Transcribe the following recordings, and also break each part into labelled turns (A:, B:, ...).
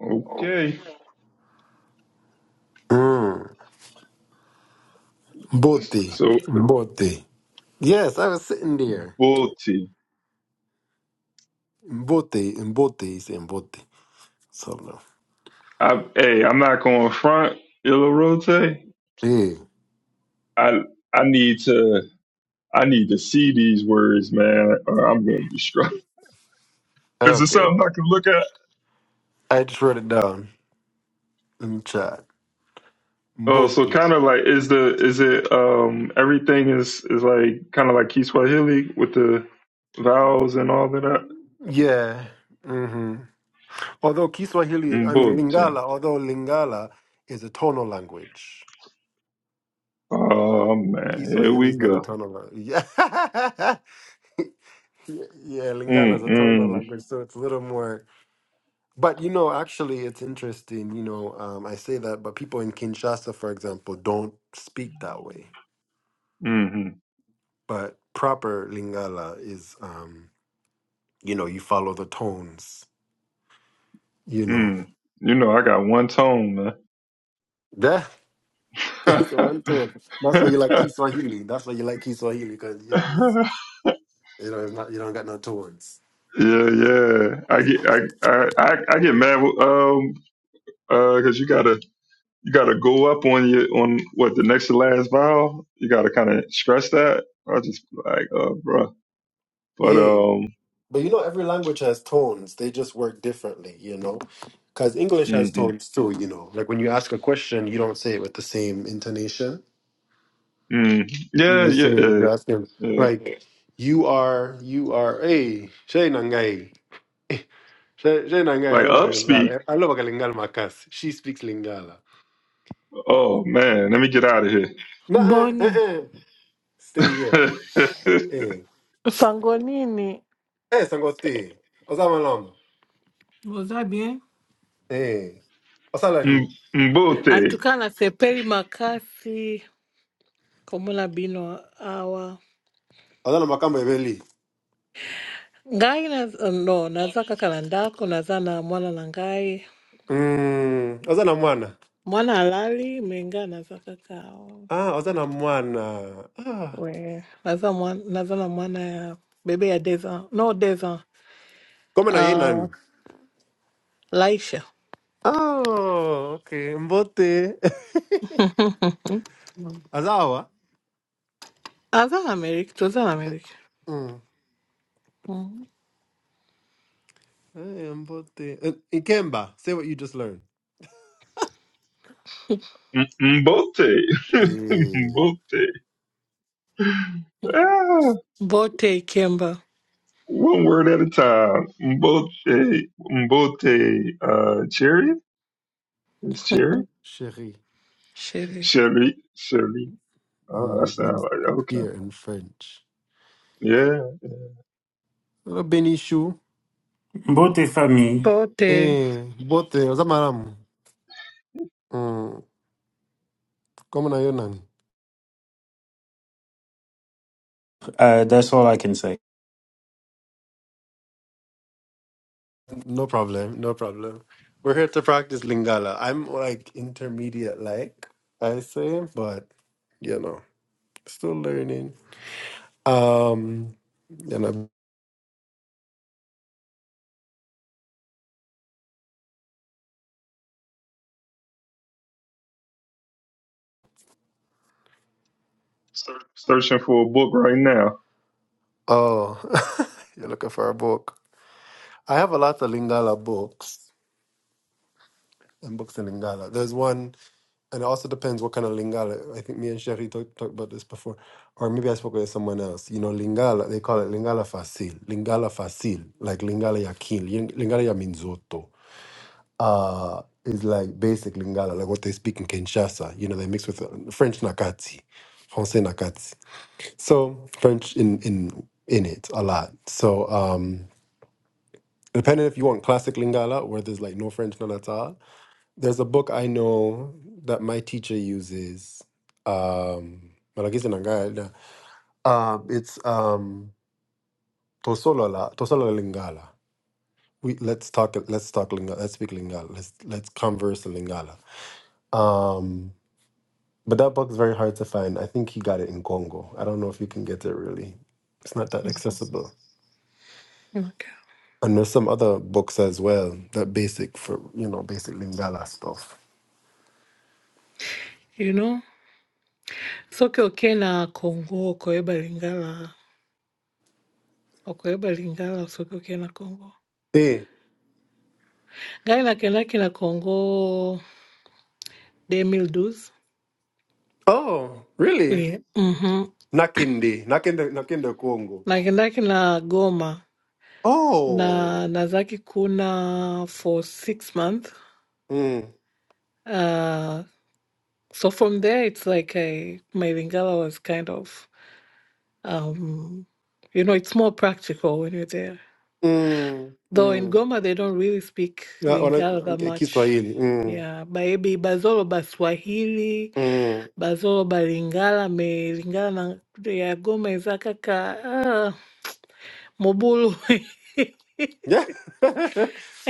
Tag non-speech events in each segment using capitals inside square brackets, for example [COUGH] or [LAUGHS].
A: Okay.
B: Mm. Mbote.
A: So
B: Mbote. Yes, I was sitting there.
A: bull
B: Mbote. Mbote. It's Mbote. So no.
A: I hey, I'm not going front Ilarote.
B: Yeah.
A: I I need to I need to see these words, man, or I'm gonna be struck. [LAUGHS] Is it
B: Okay.
A: something I can look at?
B: I just wrote it down in the chat.
A: Oh, so
B: Mbote.
A: kind of like is the is it um everything is is like kind of like Kiswahili with the vowels and all of that?
B: Yeah. hmm Although Kiswahili, I mean
A: Mbote.
B: Lingala, although Lingala is a tonal language.
A: Oh man, here
B: Kiswahili
A: we
B: is not a
A: go.
B: tonal language. [LAUGHS] Yeah. yeah, Lingala is
A: Mm
B: a tonal
A: mm
B: language, so it's a little more But you know, actually, it's interesting. You know, um, I say that, but people in Kinshasa, for example, don't speak that way.
A: mm mm.
B: But proper Lingala is, um, you know, you follow the tones. You know,
A: mm. You know I got one tone, man.
B: yeah, [LAUGHS]
A: [LAUGHS] yeah,
B: it's one tone. That's why you like Kiswahili. That's why you like Kiswahili because you know it's you know it's not you don't got no tones.
A: yeah. I get I I I I get mad with, um uh because you gotta you gotta go up on your on what the next to last vowel. You gotta kind of stress that. I just be like uh bruh. But
B: Yeah,
A: um
B: but you know, every language has tones. They just work differently. You know. Because English has
A: hmm
B: tones too, you know. Like when you ask a question, you don't say it with the same intonation
A: mm,
B: You
A: yeah
B: would
A: yeah
B: say it,
A: yeah
B: you ask him."
A: yeah.
B: Like you are, you are. Hey, Shay Nangai. Shay Shay Nangai. I
A: Like
B: love [LAUGHS] a
A: upspeak.
B: Lingala. I love a Lingala Makas. She speaks Lingala.
A: Oh man, let me get out of here.
B: Nah, eh, eh,
C: Boni,
B: eh. Stay here.
A: [LAUGHS]
B: Eh,
C: Mpango nini?
B: eh, Sangote. Ozama lam.
C: boza bien?
B: Eh, Ozala ni.
A: M- Mbote.
C: Antukana sepeli makasi komola bino awa
B: Ozala makamba ebeli.
C: ngai na no naza kaka na ndako naza na mwana na ngai
B: Hmm. Ozala mwana.
C: mwana alali me ngai naza kaka awa.
B: Ah, Ozala mwana. Ah.
C: we naza, mwana, naza na mwana ya bebe ya deux ans no deux ans
B: Kome na yinan. nani?
C: uh, Laisha
B: Oh, okay. Mbote. [LAUGHS] Azawa.
C: aza na Amerika toza na
B: Eh,
C: Amerika
B: Mm.
C: mm.
B: Embote. Uh, Ikemba, say what you just learned.
A: M- Mbote.
B: Eh,
A: [LAUGHS] Mbote.
C: bote ikemba
A: One word at a time. Mbote, Mbote, uh, cherry? Is cherry?
B: chérie.
C: sheri
A: Sherry, Sherry. Oh, that
B: Mhm,
A: sound
B: means
A: like, okay.
B: dear in French.
A: Yeah.
B: Uh, Benishu.
D: Both is for me.
C: bote
B: Eh, bote, Ozamaram. Mm, Come na yonan.
D: Uh, that's all I can say.
B: No problem, no problem. We're here to practice Lingala. I'm like intermediate, like I say, but you know, still learning. Um, you know,
A: Searching for a book right now.
B: oh, [LAUGHS] you're looking for a book. I have a lot of Lingala books. and books in Lingala. There's one, and it also depends what kind of Lingala. I think me and Sherry talked talked about this before, or maybe I spoke with someone else. You know, Lingala, they call it Lingala Fasil, Lingala Fasil, like Lingala Yakin, Ling- Lingala ya Minzoto. Uh, is like basic Lingala, like what they speak in Kinshasa. You know, they mix with uh, French Nakati, Francais Nakati. So French in in in it a lot. So um depending if you want classic Lingala, where there's like no French none at all, there's a book I know that my teacher uses. Um, malagisi na ngala. um it's um Tosolola, Tosolola Lingala. We let's talk let's talk Lingala, let's speak Lingala. Let's let's converse in Lingala. Um but that book's very hard to find. I think he got it in Congo. I don't know if you can get it really. It's not that accessible.
C: okay.
B: And there's some other books as well that basic for you know, basic Lingala stuff.
C: you know soki okee na kongo okoyeba lingala okoyeba lingala soki okee na kongo
B: Hey.
C: ngai nakendaki na kongo 2012
B: Oh, really?
C: Eh, mhm.
B: Nakindi, nakende, nakende Congo.
C: nakendaki na goma
B: Oh.
C: na nazaki kuna for six months
B: Mm,
C: uh, so from there it's like I, my lingala was kind of um, you know it's more practical when you're there
B: mm,
C: Though in
B: mm.
C: Goma they don't really speak
B: Ya, wana
C: Lingala that
B: okay,
C: much.
B: Kiswahili. Mm,
C: Yeah, maybe Bazolo Baswahili,
B: mm.
C: Bazolo Balingala, me Lingala na ya Goma eza kaka ah, Mobulu.
B: Yeah.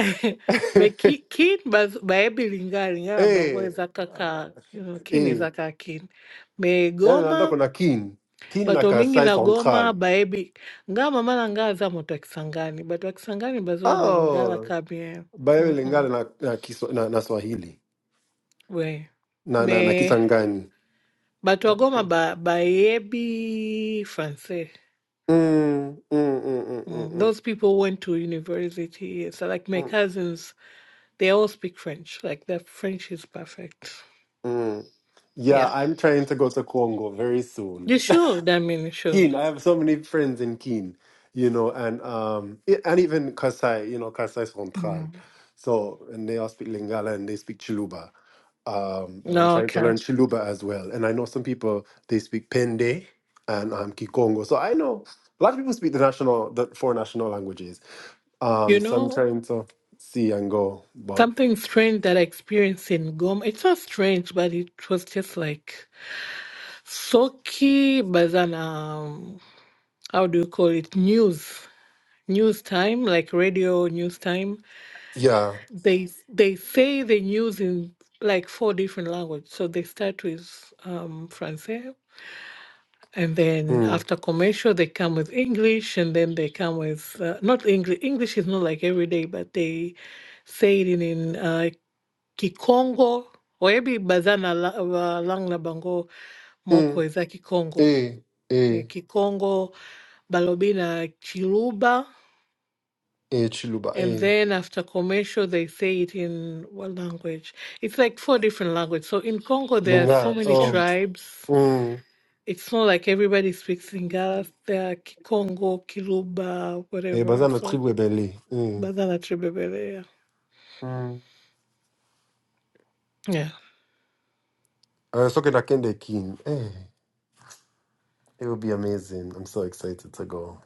C: [LAUGHS] me
B: [LAUGHS]
C: ki- kin baz maybe Lingala, Lingala bango
B: Eh.
C: eza kaka you know, kin
B: Eh.
C: eza kaka kin. Me
B: Yaani naenda
C: Goma,
B: kuna Kin. Kin na
C: bato mingi
B: Kasai
C: na Goma
B: Central.
C: baebi nga mama na nga aza moto ya Kisangani, bato ya Kisangani Bazolo Balingala
B: Oh.
C: kabie.
B: Bayo
C: Mhm.
B: lingana na na, kiswa, na na Swahili.
C: We.
B: Na na, na
C: Me
B: Kisangani.
C: But Wagoma by by Ebi Francais.
B: Mm, mm, mm, mm, mm,
C: Mm.
B: mm,
C: Those people went to university. So like my
B: mm.
C: cousins, they all speak French. Like their French is perfect.
B: mm. Yeah,
C: Yeah.
B: I'm trying to go to Congo very soon.
C: You should, I mean you should.
B: Keen. I have so many friends in Keen, you know, and um, e- and even Kasai, you know, Kasai Central.
C: Mm.
B: So, and they all speak Lingala and they speak Chiluba. Um, and I'm
C: No,
B: trying to
C: okay.
B: learn Chiluba as well. And I know some people they speak Pende and um, Kikongo. So I know a lot of people speak the national, the four national languages.
C: You
B: Um, so I'm
C: know,
B: trying to see and go, but
C: something strange that I experienced in Goma. It's not strange, but it was just like Soki Bazan um how do you call it? News. News time, like radio news time
B: yeah,
C: they s- they say they use in like four different languages. So they start with um, Francais, and then
B: mm,
C: after commercial they come with English, and then they come with uh, not English. English is not like every day, but they say it in, in uh, Kikongo. Oyebi bazana lang na bango
B: mm,
C: moko eza Kikongo.
B: eh, eh,
C: Eh, Kikongo balobina Chiluba
B: eh, Chiluba,
C: And
B: eh,
C: then after commercial, they say it in what language? It's like four different languages. So in Congo, there are so
B: Lingala,
C: many
B: oh,
C: tribes.
B: Mm.
C: It's not like everybody speaks Lingala. There are Kikongo, Kiluba,
B: Eh,
C: whatever.
B: baza na
C: So
B: tribu ebele. Eh.
C: Badana Tribebele, yeah.
B: Mm.
C: Yeah.
B: Uh, so can I was talking to Kende King. Eh, it will be amazing. I'm so excited to go.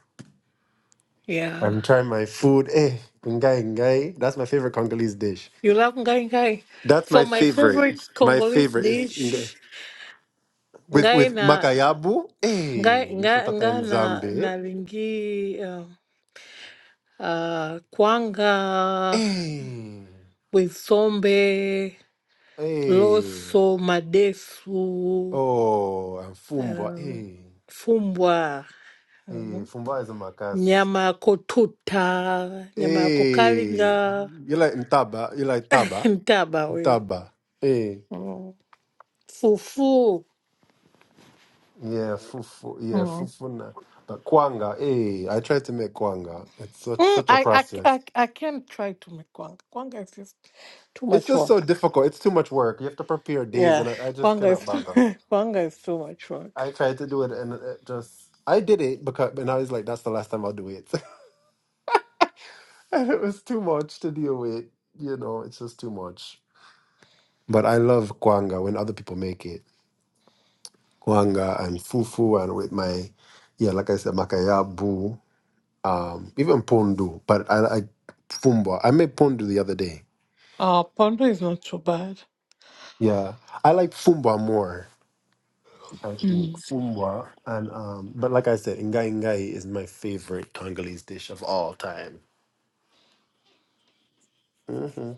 C: Yeah.
B: I'm trying my food. Eh, ngai ngai. That's my favorite Congolese dish.
C: You love Ngai Ngai.
B: That's
C: So
B: my
C: my
B: favorite.
C: favorite
B: My
C: Congolese
B: favorite is ngai.
C: dish,
B: with
C: Ngai
B: with
C: na,
B: makayabu. Eh,
C: Ngai, Ngai,
B: misutata
C: Ngai na, na
B: nzambe.
C: Lingi, uh, uh, Kwanga
B: Eh,
C: with Sombe.
B: eh.
C: Loso madefu
B: Oh, and fumba.
C: uh,
B: Eh,
C: fumbwa
B: eh.
C: uh,
B: Fumba is a makas.
C: nyama ya kotuta nyama ya
B: Eh,
C: kukalinga
B: you like ntaba? You like taba?
C: [LAUGHS] mtaba huyo
B: Taba. Hey.
C: mm. fufu
B: Yeah, fufu. Yeah,
C: mm.
B: fufu na. But kwanga, hey, I tried to make kwanga. It's such
C: Mm,
B: such a
C: I, I,
B: process.
C: I, I can't try to make kwanga. Kwanga is just too
B: It's
C: much
B: just so
C: work.
B: difficult. It's too much work. You have to prepare days,
C: Yeah,
B: and I, I just
C: kwanga is
B: cannot bother.
C: [LAUGHS] kwanga is too much work.
B: I tried to do it, and it just I did it because, and I was like, that's the last time I'll do it, [LAUGHS] and it was too much to deal with. You know, it's just too much. But I love kwanga when other people make it. Kwanga and fufu, and with my, yeah, like I said, makayabu um, even Pondo, but I like Fumba. I made Pondo the other day.
C: Uh, pondo is not so bad.
B: Yeah, I like Fumba more. I think
C: Mm.
B: Fumba and um, but like I said, Ngai Ngai is my favorite Congolese dish of all time. hmm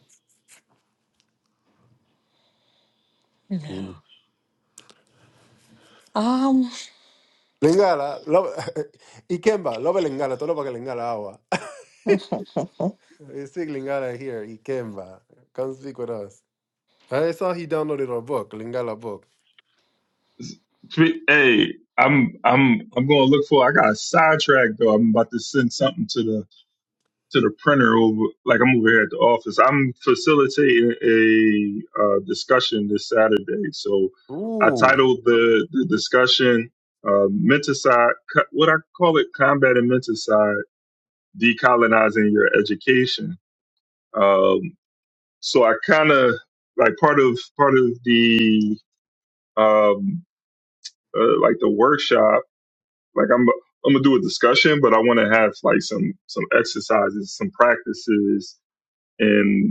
C: Yeah.
B: Mm.
C: Um.
B: Lingala, love, [LAUGHS] Ikemba, love Lingala, tolo baka Lingala awa.
C: [LAUGHS]
B: [LAUGHS] You speak Lingala here, Ikemba. Come speak with us. I saw he downloaded a book, Lingala book.
A: Spe- Hey, I'm, I'm, I'm going to look for, I got sidetracked though. I'm about to send something to the to the printer over like I'm over here at the office. I'm facilitating a uh, discussion this Saturday, so I
B: Ooh.
A: titled the the discussion uh, "Menticide." Co- What I call it, combat and menticide, decolonizing your education. Um, so I kind of like part of part of the um, uh, like the workshop. Like I'm I'm gonna do a discussion, but I want to have like some some exercises, some practices and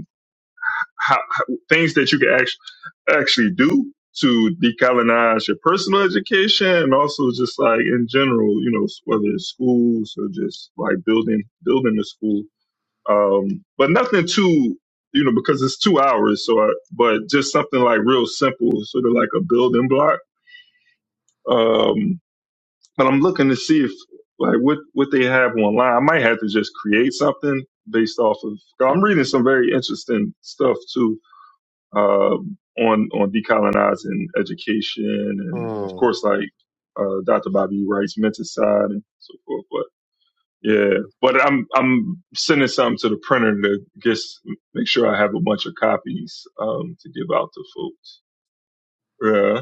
A: how, how things that you can actually actually do to decolonize your personal education and also just like in general, you know, whether it's schools or just like building building the school. Um, but nothing too, you know, because it's two hours. So, I, but just something like real simple, sort of like a building block. Um, but I'm looking to see if like what what they have online. I might have to just create something based off of. 'cause I'm reading some very interesting stuff too um, on on decolonizing education, and of
B: Mm.
A: course, like uh, Dr. Bobby E. Wright's mentor side and so forth. But yeah, but I'm I'm sending something to the printer to just make sure I have a bunch of copies um, to give out to folks. Yeah,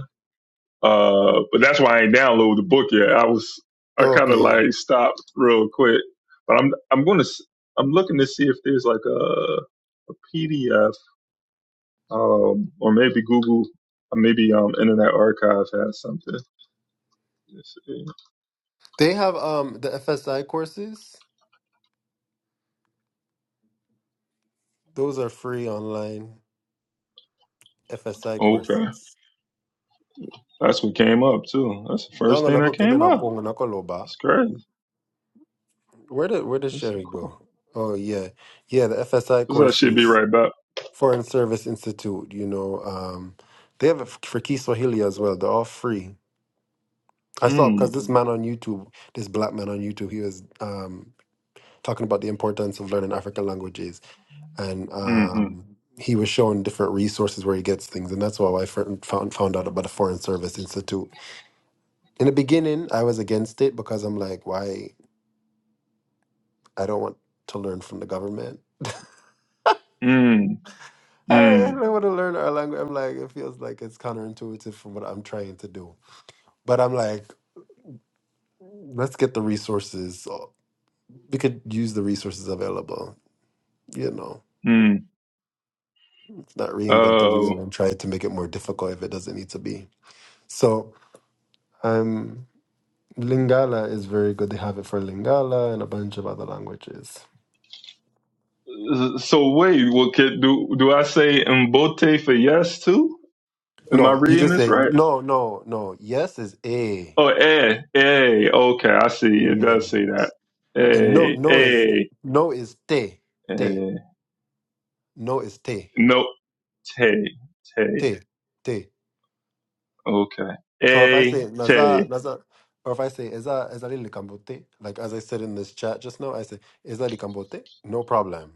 A: uh, but that's why I ain't download the book yet. I was I kind of
B: Okay.
A: like stopped real quick, but I'm I'm gonna s- I'm looking to see if there's like a a PDF um, or maybe Google, or maybe um, Internet Archive has something. Let's see.
B: They have um the FSI courses. Those are free online FSI
A: Okay,
B: courses.
A: that's what came up too. That's the first
B: Dongo
A: thing
B: na
A: that
B: book and then
A: came up.
B: apongo na koloba.
A: It's crazy.
B: Where did where did
A: It's so
B: Sherry
A: cool.
B: go? Oh yeah, yeah. The FSI
A: So that should be
B: courses,
A: right back.
B: Foreign Service Institute. You know, um, they have it f- for Kiswahili as well. They're all free. I saw because
A: Mm,
B: this man on YouTube, this black man on YouTube, he was um, talking about the importance of learning African languages, and
A: mm,
B: um, he was showing different resources where he gets things, and that's how I fir- found found out about the Foreign Service Institute In the beginning, I was against it because I'm like, why? I don't want to learn from the government.
A: mm, mm,
B: I don't want to learn our language. I'm like, it feels like it's counterintuitive from what I'm trying to do. But I'm like, let's get the resources. uh, We could use the resources available. You know,
A: mm.
B: it's not reinvent the
A: Uh,
B: wheel and try to make it more difficult if it doesn't need to be. So um, Lingala is very good. They have it for Lingala and a bunch of other languages.
A: so wait, what could, do do I say mbote for yes too? Am I
B: No, you
A: reading
B: just
A: this
B: say
A: right?
B: no, no, no. Yes is A.
A: Oh, eh, eh. Okay, I see. It
B: yeah.
A: does say that.
B: And no,
A: Eh,
B: no is
A: eh,
B: no is te, te.
A: eh.
B: No is te,
A: No, Tay, Tay.
B: te, te.
A: Okay.
B: So if I
A: A,
B: say naza,
A: Tay.
B: naza, or if I say eza, eza li likambote, like as I said in this chat just now, I say eza likambote, no problem.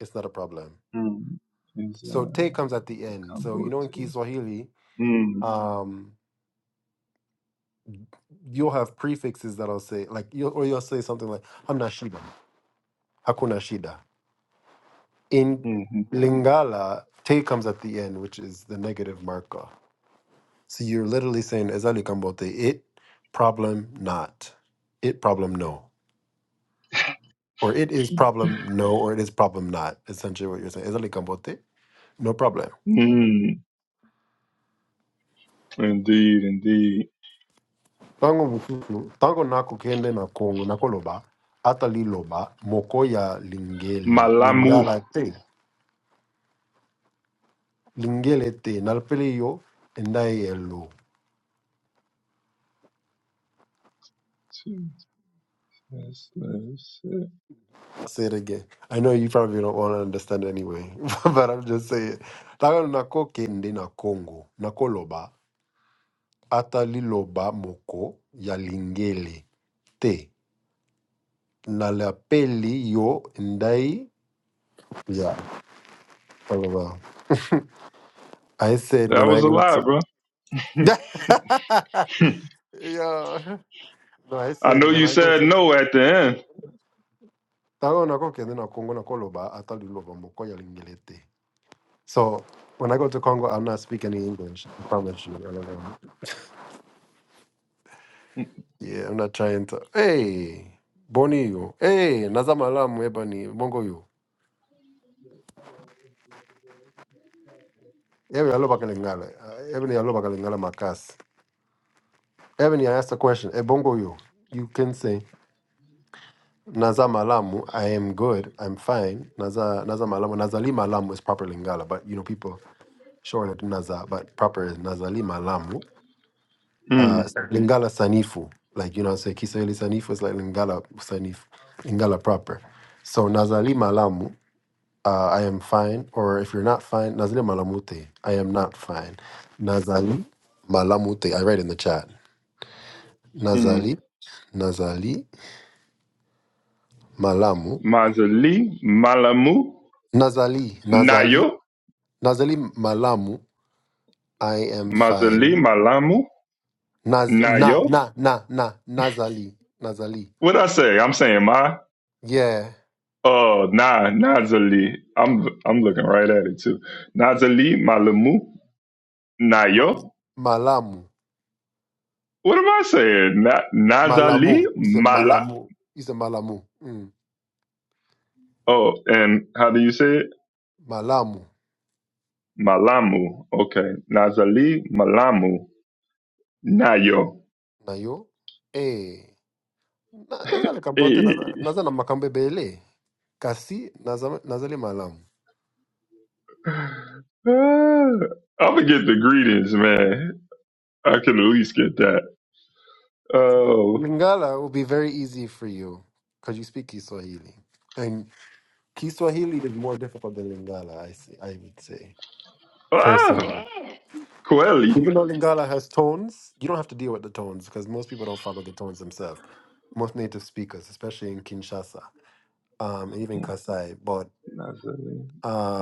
B: It's not a problem.
A: Mm. Is
B: So te
A: uh,
B: comes at the end. So you know in
A: Cambote.
B: Kiswahili,
A: Mm.
B: um, you'll have prefixes that'll say like you'll, or you'll say something like hamna shida, hakuna shida. In
A: Mm-hmm.
B: Lingala, te comes at the end, which is the negative marker. So you're literally saying ezali kambote, it problem not. It problem no. Or it is problem no, or it is problem not. Essentially what you're saying. Ezali kambote, no problem.
A: Mm. Indeed, indeed.
B: Tango bukuku, tango nako kende na kongo, nako loba, atali loba, moko ya lingeli,
A: Malamu.
B: lingala te, lingele te, nalpele yo, endai elo.
A: That's that's it.
B: I'll Say it again. I know you probably don't want to understand anyway, [LAUGHS] but I'm just saying. Tango nako kende na kongo, nako loba, Ataliloba moko ya lingele te. Nalapeli yo ndai. Yeah. LOL. I said
A: That
B: when I
A: was a
B: go
A: lot,
B: to.
A: bro.
B: [LAUGHS]
A: [LAUGHS]
B: yeah. No, I
A: I
B: said
A: know
B: when
A: you
B: I go
A: said
B: to.
A: no at the end.
B: Tango nakokende na Congo nakoloba ataliloba moko ya lingele te. So when I go to Congo, I'm not speaking any English. I promise you. LOL. Yeah, I'm not trying to. Hey, Boni yo. Hey, nazamalamu ebani. Bongo yo. Evan aloba kalingala. Uh, Evan aloba kalingala makas. Evan, I asked a question. Ebongo you. You can say Naza Malamu, I am good, I'm fine. Naza Naza Malamu. Nazali Malamu is proper Lingala, but you know people shorten it to Naza, but proper is Nazali Malamu. Uh
A: Mm.
B: it's Mhm. Lingala Sanifu. Like you know, say Kiswahili Sanifu is like Lingala Sanifu, Lingala proper. So Nazali Malamu. uh, I am fine, or if you're not fine, Nazali Malamute, I am not fine. Nazali Malamute, I read in the chat.
A: Mm.
B: Nazali, Nazali Malamu,
A: Mazali, Malamu,
B: Nazali, Nazali,
A: Nayo.
B: Nazali Malamu, I am
A: Mazali,
B: fine.
A: Malamu,
B: Naz, na,
A: Nayo.
B: na, na, na, Nazali, Nazali.
A: What I say? I'm saying Ma.
B: Yeah,
A: Oh, nah, Nazali. I'm I'm looking right at it too. Nazali Malamu
B: Ma,
A: Nayo.
B: Malamu,
A: What am I saying? Na, Nazali
B: Malamu, you say
A: Mala.
B: Malamu, you say Malamu, mm.
A: Oh, and how do you say it?
B: Malamu,
A: Malamu. Okay. Nazali Malamu Nayo.
B: Nayo, eh. Na- eza likabhote
A: Hey.
B: naza naza na makambe bele, kasi naza naza limalamu
A: [SIGHS] I'm gonna get the greetings, man. I can at least get that. Oh,
B: lingala will be very easy for you because you speak kiswahili and kiswahili is more difficult than lingala i see, i would say
A: ah,
B: personally
A: Quelly.
B: even though lingala has tones you don't have to deal with the tones because most people don't follow the tones themselves most native speakers especially in kinshasa um and even kasai but
A: Nazali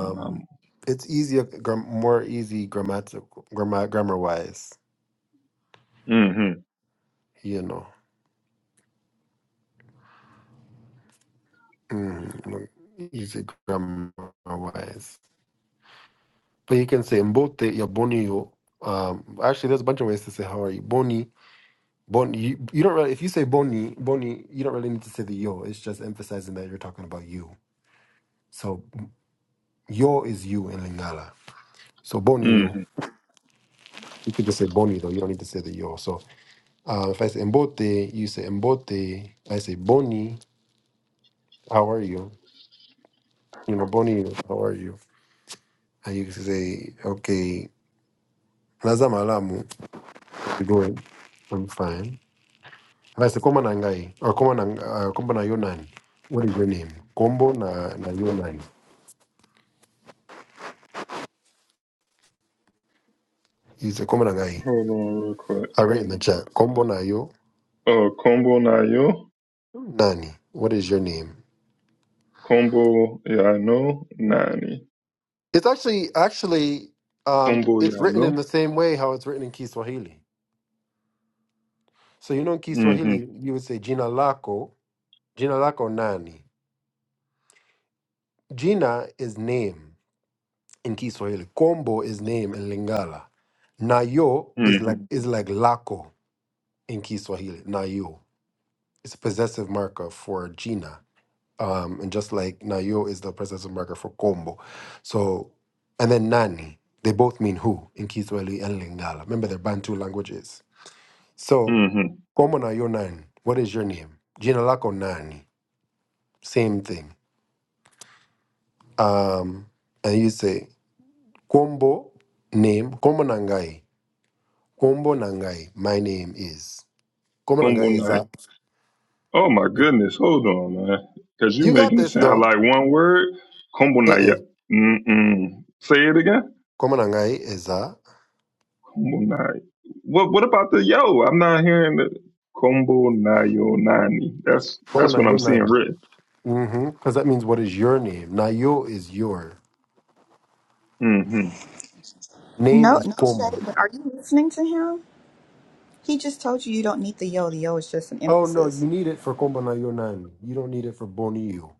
A: Malamu.
B: it's easier gram- more easy grammatical grammar grammar wise
A: Mm-hmm.
B: you know うんまあ easy grammar wise. But you can say mbote ya boni yo. Um, actually, there's a bunch of ways to say how are you. Boni, boni. You, you don't really, if you say boni, boni, you don't really need to say the yo. It's just emphasizing that you're talking about you. So yo is you in Lingala. So boni
A: Mm.
B: yo. You could just say boni though. You don't need to say the yo. So uh, if I say mbote, you say mbote. I say boni, how are you? You know, boni, how are you? And you can say, okay, nazamalamu. you doing? I'm fine. And I said, Kombo na ngai, or Kombo na, uh, Kombo na Yonan. What is your name? Kombo na, na Yonan. He said, Kombo na ngai.
A: Hold on, real quick.
B: I write in the chat, Kombo na yo,
A: Uh, Kombo Nayo,
B: Nani. What is your name?
A: Kombo Yano, Nani,
B: It's actually, actually, um,
A: Kombo
B: it's written in
A: Yano.
B: the same way how it's written in Kiswahili. So, you know, in
A: Mm-hmm,
B: Kiswahili, you would say, Jina lako, Jina lako nani. Jina is name in Kiswahili. Kombo is name in Lingala. Nayo is like,
A: mm-hmm,
B: is like lako. in Kiswahili, Nayo. It's a possessive marker for Gina. Um, and just like Nayo is the possessive marker for Kombo. So, and then Nani, they both mean who in Kiswahili and Lingala. Remember, they're Bantu languages. So,
A: mm-hmm.
B: Kombo Nayo Nani, what is your name? Gina Lako Nani, same thing. Um, and you say, Kombo name, Kombo Nangai, Kombo Nangai, my name is. Kombo
A: Kombo
B: Nangai is
A: Nai.
B: that.
A: Oh my goodness, hold on, man. Cause you
B: You got
A: making it
B: this
A: sound
B: though.
A: like one word. Kombo
B: Uh-uh.
A: Naya. Mm-mm. Say it again.
B: Komanangai is a
A: Kombo Nai. What What about the yo? I'm not hearing the Kombo Nayo Nani. That's That's what I'm seeing
B: Komanayo
A: written.
B: Mhm. Because that means what is your name? Nayo is your.
A: Mm-hmm,
B: Name
E: No,
B: is
E: no
B: Komu.
E: shade, but are you listening to him? He just told you you don't need the yo. The yo is just an
B: Oh no, you
E: emphasis.
B: need it for Kombanayo nan. You don't need it for Boniyo.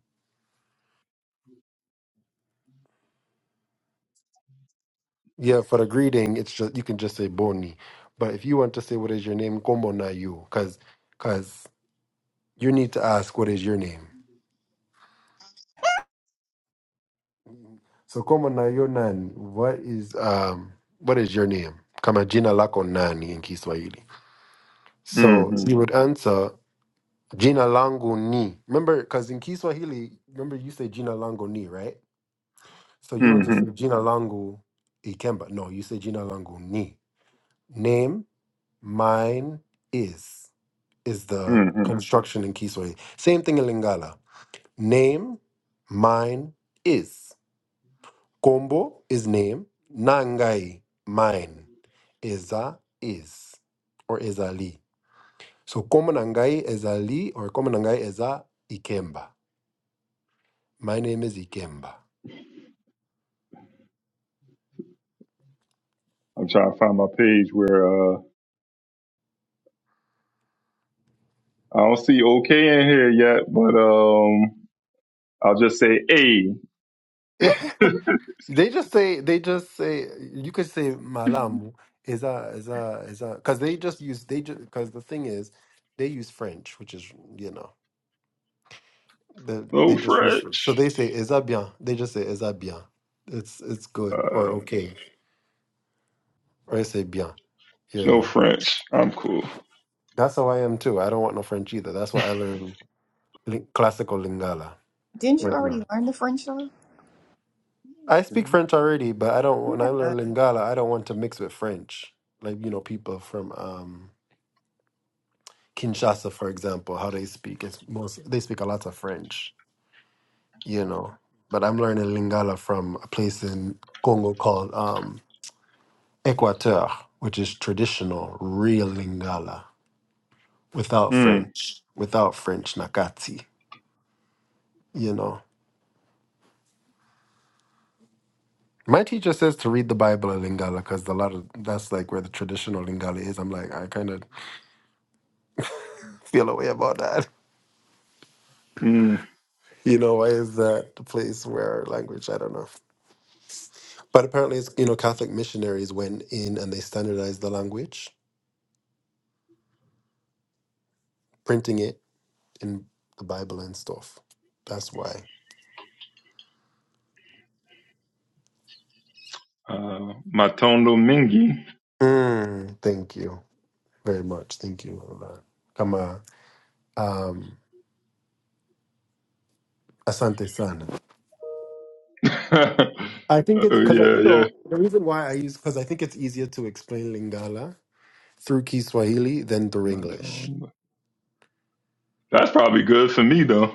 B: Yeah, for the greeting, it's just you can just say Boni. But if you want to say what is your name, Kombonayo, because because you need to ask what is your name. So Kombanayo nan, what is um what is your name? Kama jina lako nani in Kiswahili. So
A: mm-hmm,
B: you would answer Jina langu ni. Remember, because in Kiswahili, remember you say jina langu ni, right? So you don't just say
A: mm-hmm,
B: jina langu ikemba. No, you say jina langu ni. Name, mine is, is the
A: mm-hmm.
B: construction in Kiswahili. Same thing in Lingala. Name, mine is. Kombo is name. Nangai, mine. Eza is. Or ezali. So komo nangai ezali or komo nangai eza ikemba. My name is Ikemba.
A: I'm trying to find my page where. uh. I don't see OK in here yet, but um, I'll just say A.
B: Yeah, [LAUGHS]
A: [LAUGHS]
B: they just say they just say you could say malamu is a is a is a because they just use they just because the thing is they use French, which is you know the, they
A: No
B: just use French. so
A: French.
B: they say is that bien? They just say is that bien? It's it's good or
A: Uh,
B: okay or they say bien. You
A: no
B: know
A: French. I'm cool.
B: that's how I am too. I don't want no French either. That's why I learn lin- classical Lingala
E: Didn't you
B: right now.
E: already learn the French though?
B: I speak French already, but I don't. When I
E: Yeah.
B: learn Lingala, I don't want to mix with French. Like you know, people from um, Kinshasa, for example, how they speak it's most they speak a lot of French. You know, but I'm learning Lingala from a place in Congo called um, Equateur, which is traditional, real Lingala without
A: Mm,
B: French, without French Nakati. You know. My teacher says to read the Bible in Lingala because a lot of that's like where the traditional Lingala is. I'm like, I kind of feel a way about that.
A: mm.
B: You know, why is that the place where language? I don't know. But apparently, it's, you know, Catholic missionaries went in and they standardized the language, printing it in the Bible and stuff. That's why.
A: Uh, Matondo Mingi.
B: Mm, thank you very much. Thank you. Ola. Kama um, asante sana.
A: [LAUGHS]
B: I think it's
A: oh,
B: because
A: yeah,
B: you
A: yeah.
B: know the reason why I use because I think it's easier to explain Lingala through Kiswahili than through English.
A: Matondo. That's probably good for me, though,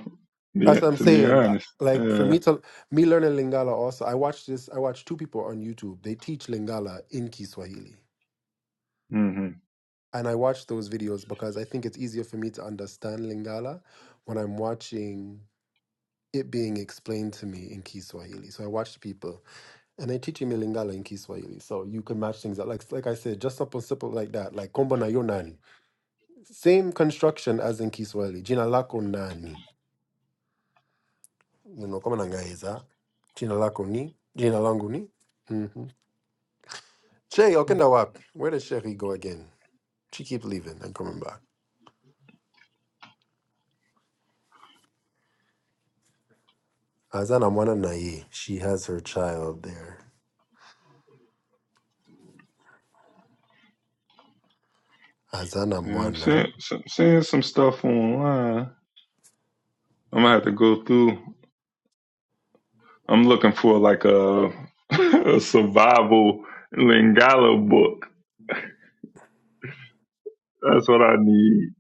A: be-
B: That's what I'm
A: to be
B: saying. I-
A: honest.
B: Like for
A: Yeah.
B: me to me learning Lingala also, I watch this. I watch two people on YouTube. They teach Lingala in Kiswahili,
A: hmm
B: and I watch those videos because I think it's easier for me to understand Lingala when I'm watching it being explained to me in Kiswahili. So I watch people, and they're teaching me Lingala in Kiswahili, so you can match things up. Like like I said, just something simple like that, like kombo na yo nani, same construction as in Kiswahili. Jina lako nani Nino kama nangaiza. Jina lako ni? Jina langu ni? hmm Che, okenda wapi? Where does Sherry go again? She keep leaving and coming back. Azana mwana na ye. She has her child there. Azana
A: Yeah, I'm seeing,
B: mwana.
A: some, seeing some stuff online. I'm going to have to go through. I'm looking for like a, [LAUGHS] a survival Lingala book. That's what I need.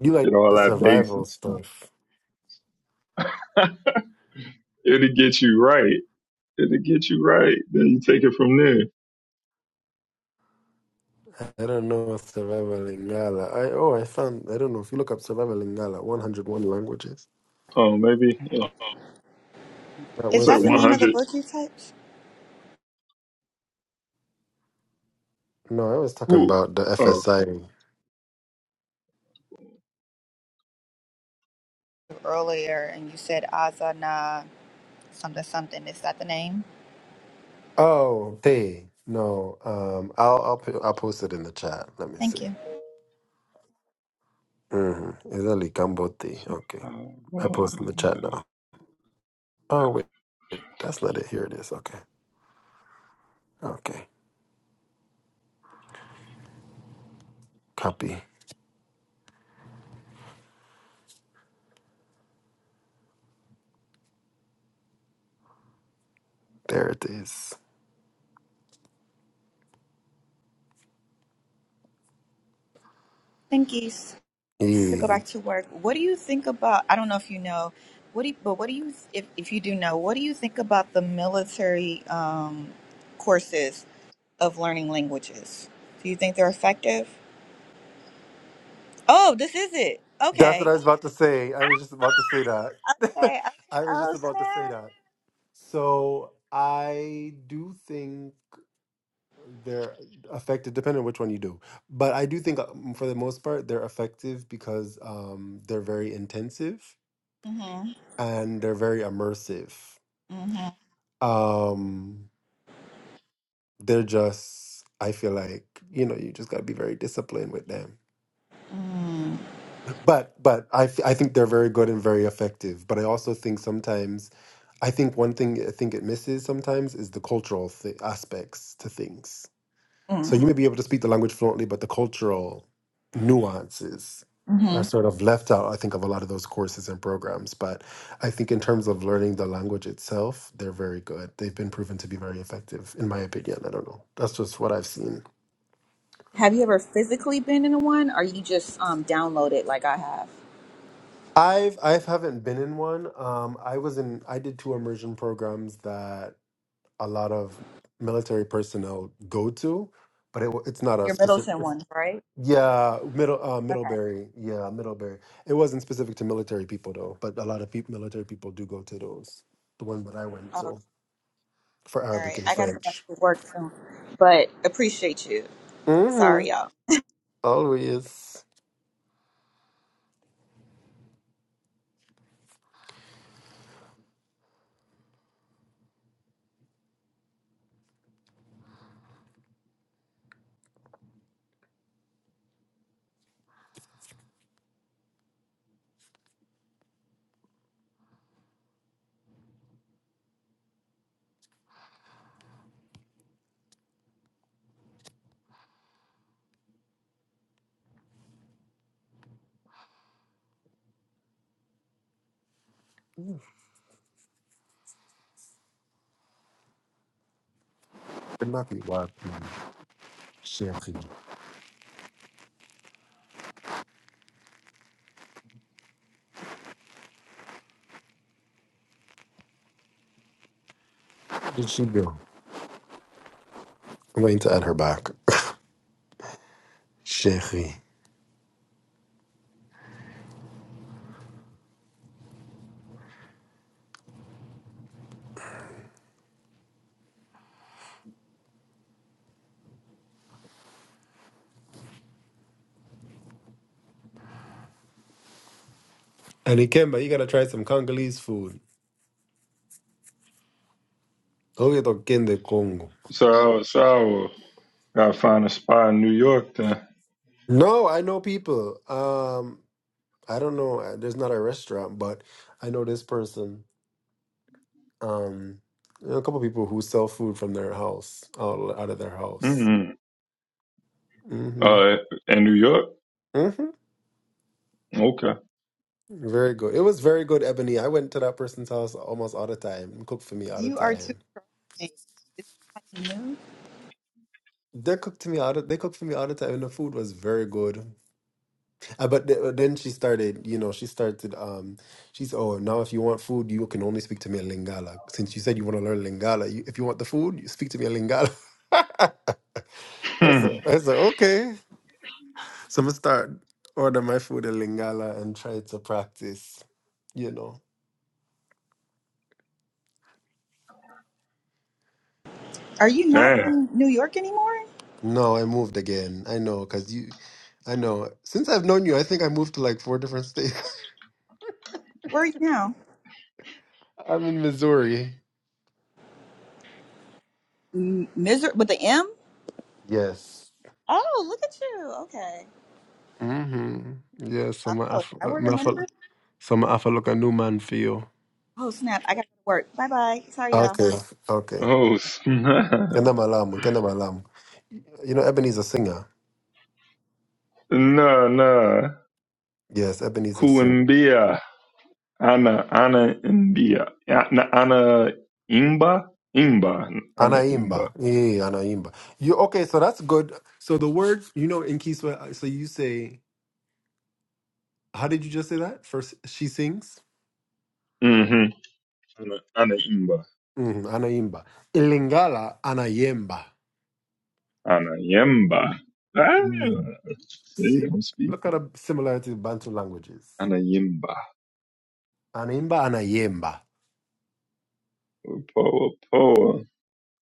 B: You
A: You
B: like
A: know, all
B: the
A: that
B: survival
A: basic stuff.
B: stuff.
A: [LAUGHS] It'll get you right. It'll get you right. Then you take it from there.
B: I don't know what survival Lingala. I oh I found I don't know if you look up survival Lingala, 101 languages.
A: Oh, maybe yeah.
B: That
E: Is
A: Instead of
E: that the
B: website.
E: name of the
A: 100.
E: book you typed?
B: No, I was talking
A: Ooh.
B: about the
A: Oh.
B: FSI.
E: Earlier, and you said Azana something something. Is that the name?
B: Oh, they. No. Um I'll I'll put, I'll post it in the chat. Let me
E: Thank
B: see.
E: you.
B: hmm Italy Cambodia. Okay. I post
A: Survival.
B: in the chat now. Oh wait, wait, that's not it. Here it is. Okay. Okay. Copy. There it is.
E: Thank you. So, I have to go
B: Yeah.
E: back to work. What do you think about? I don't know if you know. What do you, but what do you if if you do know? What do you think about the military um, courses of learning languages? Do you think they're effective? Oh, this is it.
B: That's what
E: Okay.
B: I was about to say. I was just about to say that. [LAUGHS]
E: Okay. okay.
B: I was just
E: Oh
B: about to say
E: snap.
B: that. So I do think they're effective, depending on which one you do. But I do think, um, for the most part, they're effective because um, they're very intensive
E: Mhm.
B: and they're very immersive.
E: Mhm.
B: Um, they're just i feel like you know you just got to be very disciplined with them
E: Mm.
B: but but I, f- I think they're very good and very effective but i also think sometimes i think one thing i think it misses sometimes is the cultural th- aspects to things so
E: Mm.
B: you may be able to speak the language fluently but the cultural nuances are
E: Mhm.
B: sort of left out i think of a lot of those courses and programs but i think in terms of learning the language itself they're very good they've been proven to be very effective in my opinion i don't know that's just what i've seen
E: Have you ever physically been in a one, or you just um download it like I have?
B: I've I've haven't been in one. Um, I was in I did two immersion programs that a lot of military personnel go to, but it, wa- it's not a
E: Your
B: specific.
E: Middleton
B: It's,
E: ones, right?
B: yeah, middle uh,
E: Okay.
B: Middlebury. Yeah, Middlebury. It wasn't specific to military people though, but a lot of peop military people do go to those. The one that I went
E: Oh, all
B: to for Arabic
E: right.
B: and
E: I gotta go back
B: French.
E: to work soon, but appreciate you.
B: Mm-hmm.
E: Sorry, y'all.
B: Always. It might be wild, man. Chérie. Where Did she go? I'm waiting to add her back. [LAUGHS] Chérie. And Ikemba, you gotta try some Congolese food. Oh, you're talking the Congo.
A: So, so I gotta find a spot in New York then.
B: No, I know people. Um, I don't know. uh, There's not a restaurant, but I know this person. Um, you know, a couple people who sell food from their house, out, out of their house.
A: mm
B: Mm-hmm.
A: Uh, in New York?
B: Mm-hmm.
A: Okay. [LAUGHS]
B: Very good. It was very good, Ebony. I went to that person's house almost all the time. Cooked for me all the
E: You are too
B: time.
E: trusting. Is somebody new?
B: They cooked to me all the, they cooked for me all the time, and the food was very good. Uh, but th- then she started, you know, she started, um, she's, oh, now if you want food, you can only speak to me in Lingala. Since you said you want to learn Lingala, you, if you want the food, you speak to me in Lingala. [LAUGHS] I
A: Hmm.
B: said, I said, okay. So I'm going to start order my food in Lingala and try to practice, you know.
E: Are you not
A: Damn.
E: in New York anymore?
B: No, I moved again. I know, because you, I know. Since I've known you, I think I moved to like four different states.
E: Where are you now?
B: [LAUGHS] I'm in Missouri.
E: M- Miser with the M?
B: Yes.
E: Oh, look at you. Okay.
B: Mm-hmm. Yes, I'm a
E: Oh, is
B: Af-
E: that where
B: I'm
E: the money?
B: Afro. So I'm gonna look a new man for you.
E: Oh snap! I got to work. Bye bye. Sorry, y'all.
B: Okay, okay.
A: Oh, snap. [LAUGHS]
B: Kenda malamu, kenda malamu. You know, Ebony's a singer.
A: No, no.
B: Yes, Ebony's a singer.
A: Kuimbia, Ana, Ana Imbia, Ana, Ana Imba, Imba, Ana Imba.
B: Anaimba. Yeah, anaimba. You okay? So that's good. So the word, you know, in Kiswa, so you say, how did you just say that? First, she sings.
A: Mm-hmm. Ana, Ana Imba,
B: Mm, anaimba. Ilingala anayemba.
A: Ana Yimba. Ah,
B: Mm.
A: see,
B: See,
A: I'm speaking.
B: look at the similarity of Bantu languages.
A: Ana Yimba,
B: Anaimba, anayemba.
A: Poa, Poa.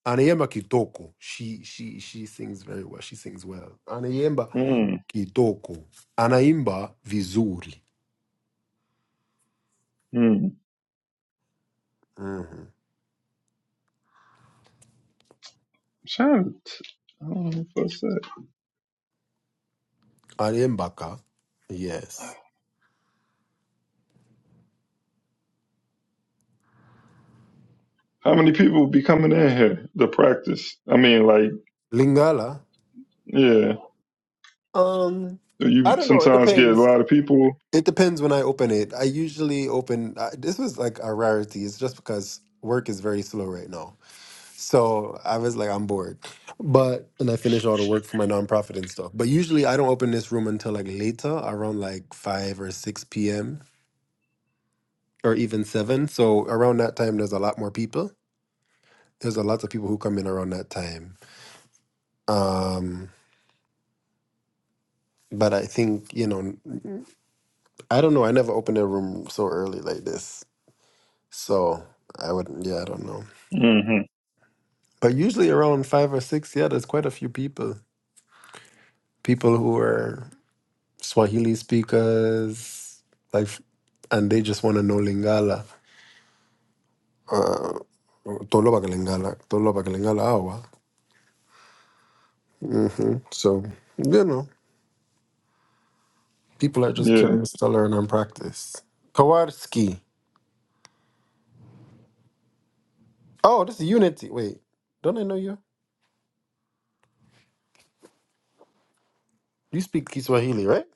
B: Anayemba Kitoko. She she she sings very well. She sings well. Anayemba
A: Mm,
B: Kitoko. Anaimba vizuri.
A: mm.
B: Mm-hmm.
A: Shout. I don't know if I said.
B: Anayembaka. Yes.
A: How many people be coming in here to practice? I mean, like,
B: Lingala.
A: yeah.
B: Um,
A: So
B: I
A: You
B: don't know. It
A: sometimes get a
B: depends.
A: lot of people.
B: It depends when I open it. I usually open. I, this was like a rarity. It's just because work is very slow right now. So I was like, I'm bored. But and I finish all the work for my nonprofit and stuff. But usually I don't open this room until like later, around like five or six p.m or even seven. So around that time, there's a lot more people. There's a lot of people who come in around that time. Um, but I think you know, I I don't know. I never opened a room so early like this. So I wouldn't. Yeah, I don't know.
A: Mm-hmm.
B: But usually around five or six, yeah, there's quite a few people. People who are Swahili speakers, like, and they just want to know Lingala. Uh, Tolo Lingala, Tolo Lingala Awa. hmm So you know. People are just
A: Yeah.
B: curious to learn and practice. Kowarski. Oh, this is Unity. Wait, don't I know you? You speak Kiswahili, right?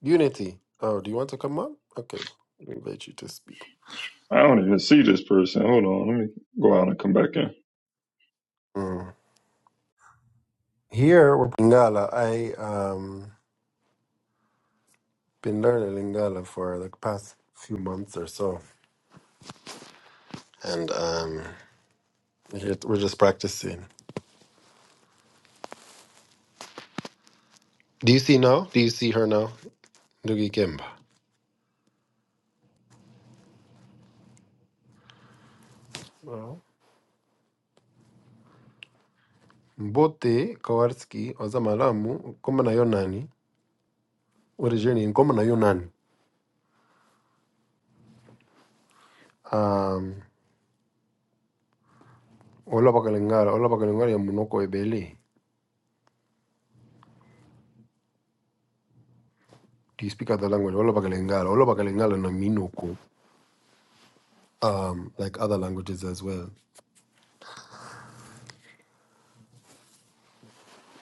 B: Unity. Oh, do you want to come on? Okay, we invite you to speak.
A: I don't even see this person. Hold on. Let me go out and come back in.
B: Mm. Here, we're Lingala. I um been learning Lingala for the past few months or so, and um here- we're just practicing. Do you see now? Do you see her now? Ndugu Kemba. No. Mbote Kowarski Ozamalamu Kumanayonani Ore Jane, in common na Um, all about Kalingala, all about Kalingala, Munoko Ebele. Do you speak other language? All about Kalingala, all about Kalingala, na Minoko. Um, like other languages as well.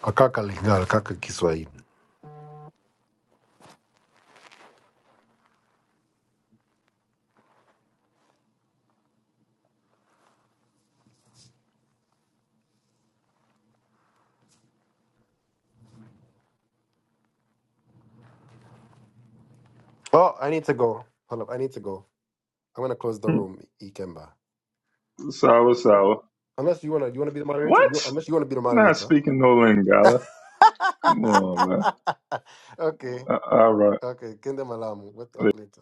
B: Akaka Lingala, Kaka Kiswahili. Oh, I need to go. Hold up, I need to go. I'm gonna close the
A: Hmm.
B: room, Ikemba.
A: Sour, sour.
B: Unless you wanna, you wanna be the moderator.
A: What?
B: You, unless you wanna be the
A: Not
B: moderator.
A: speaking no
B: [LAUGHS]
A: Lingala. Come on, man.
B: okay,
A: Uh, All right.
B: okay. Kende malamu. We'll talk later.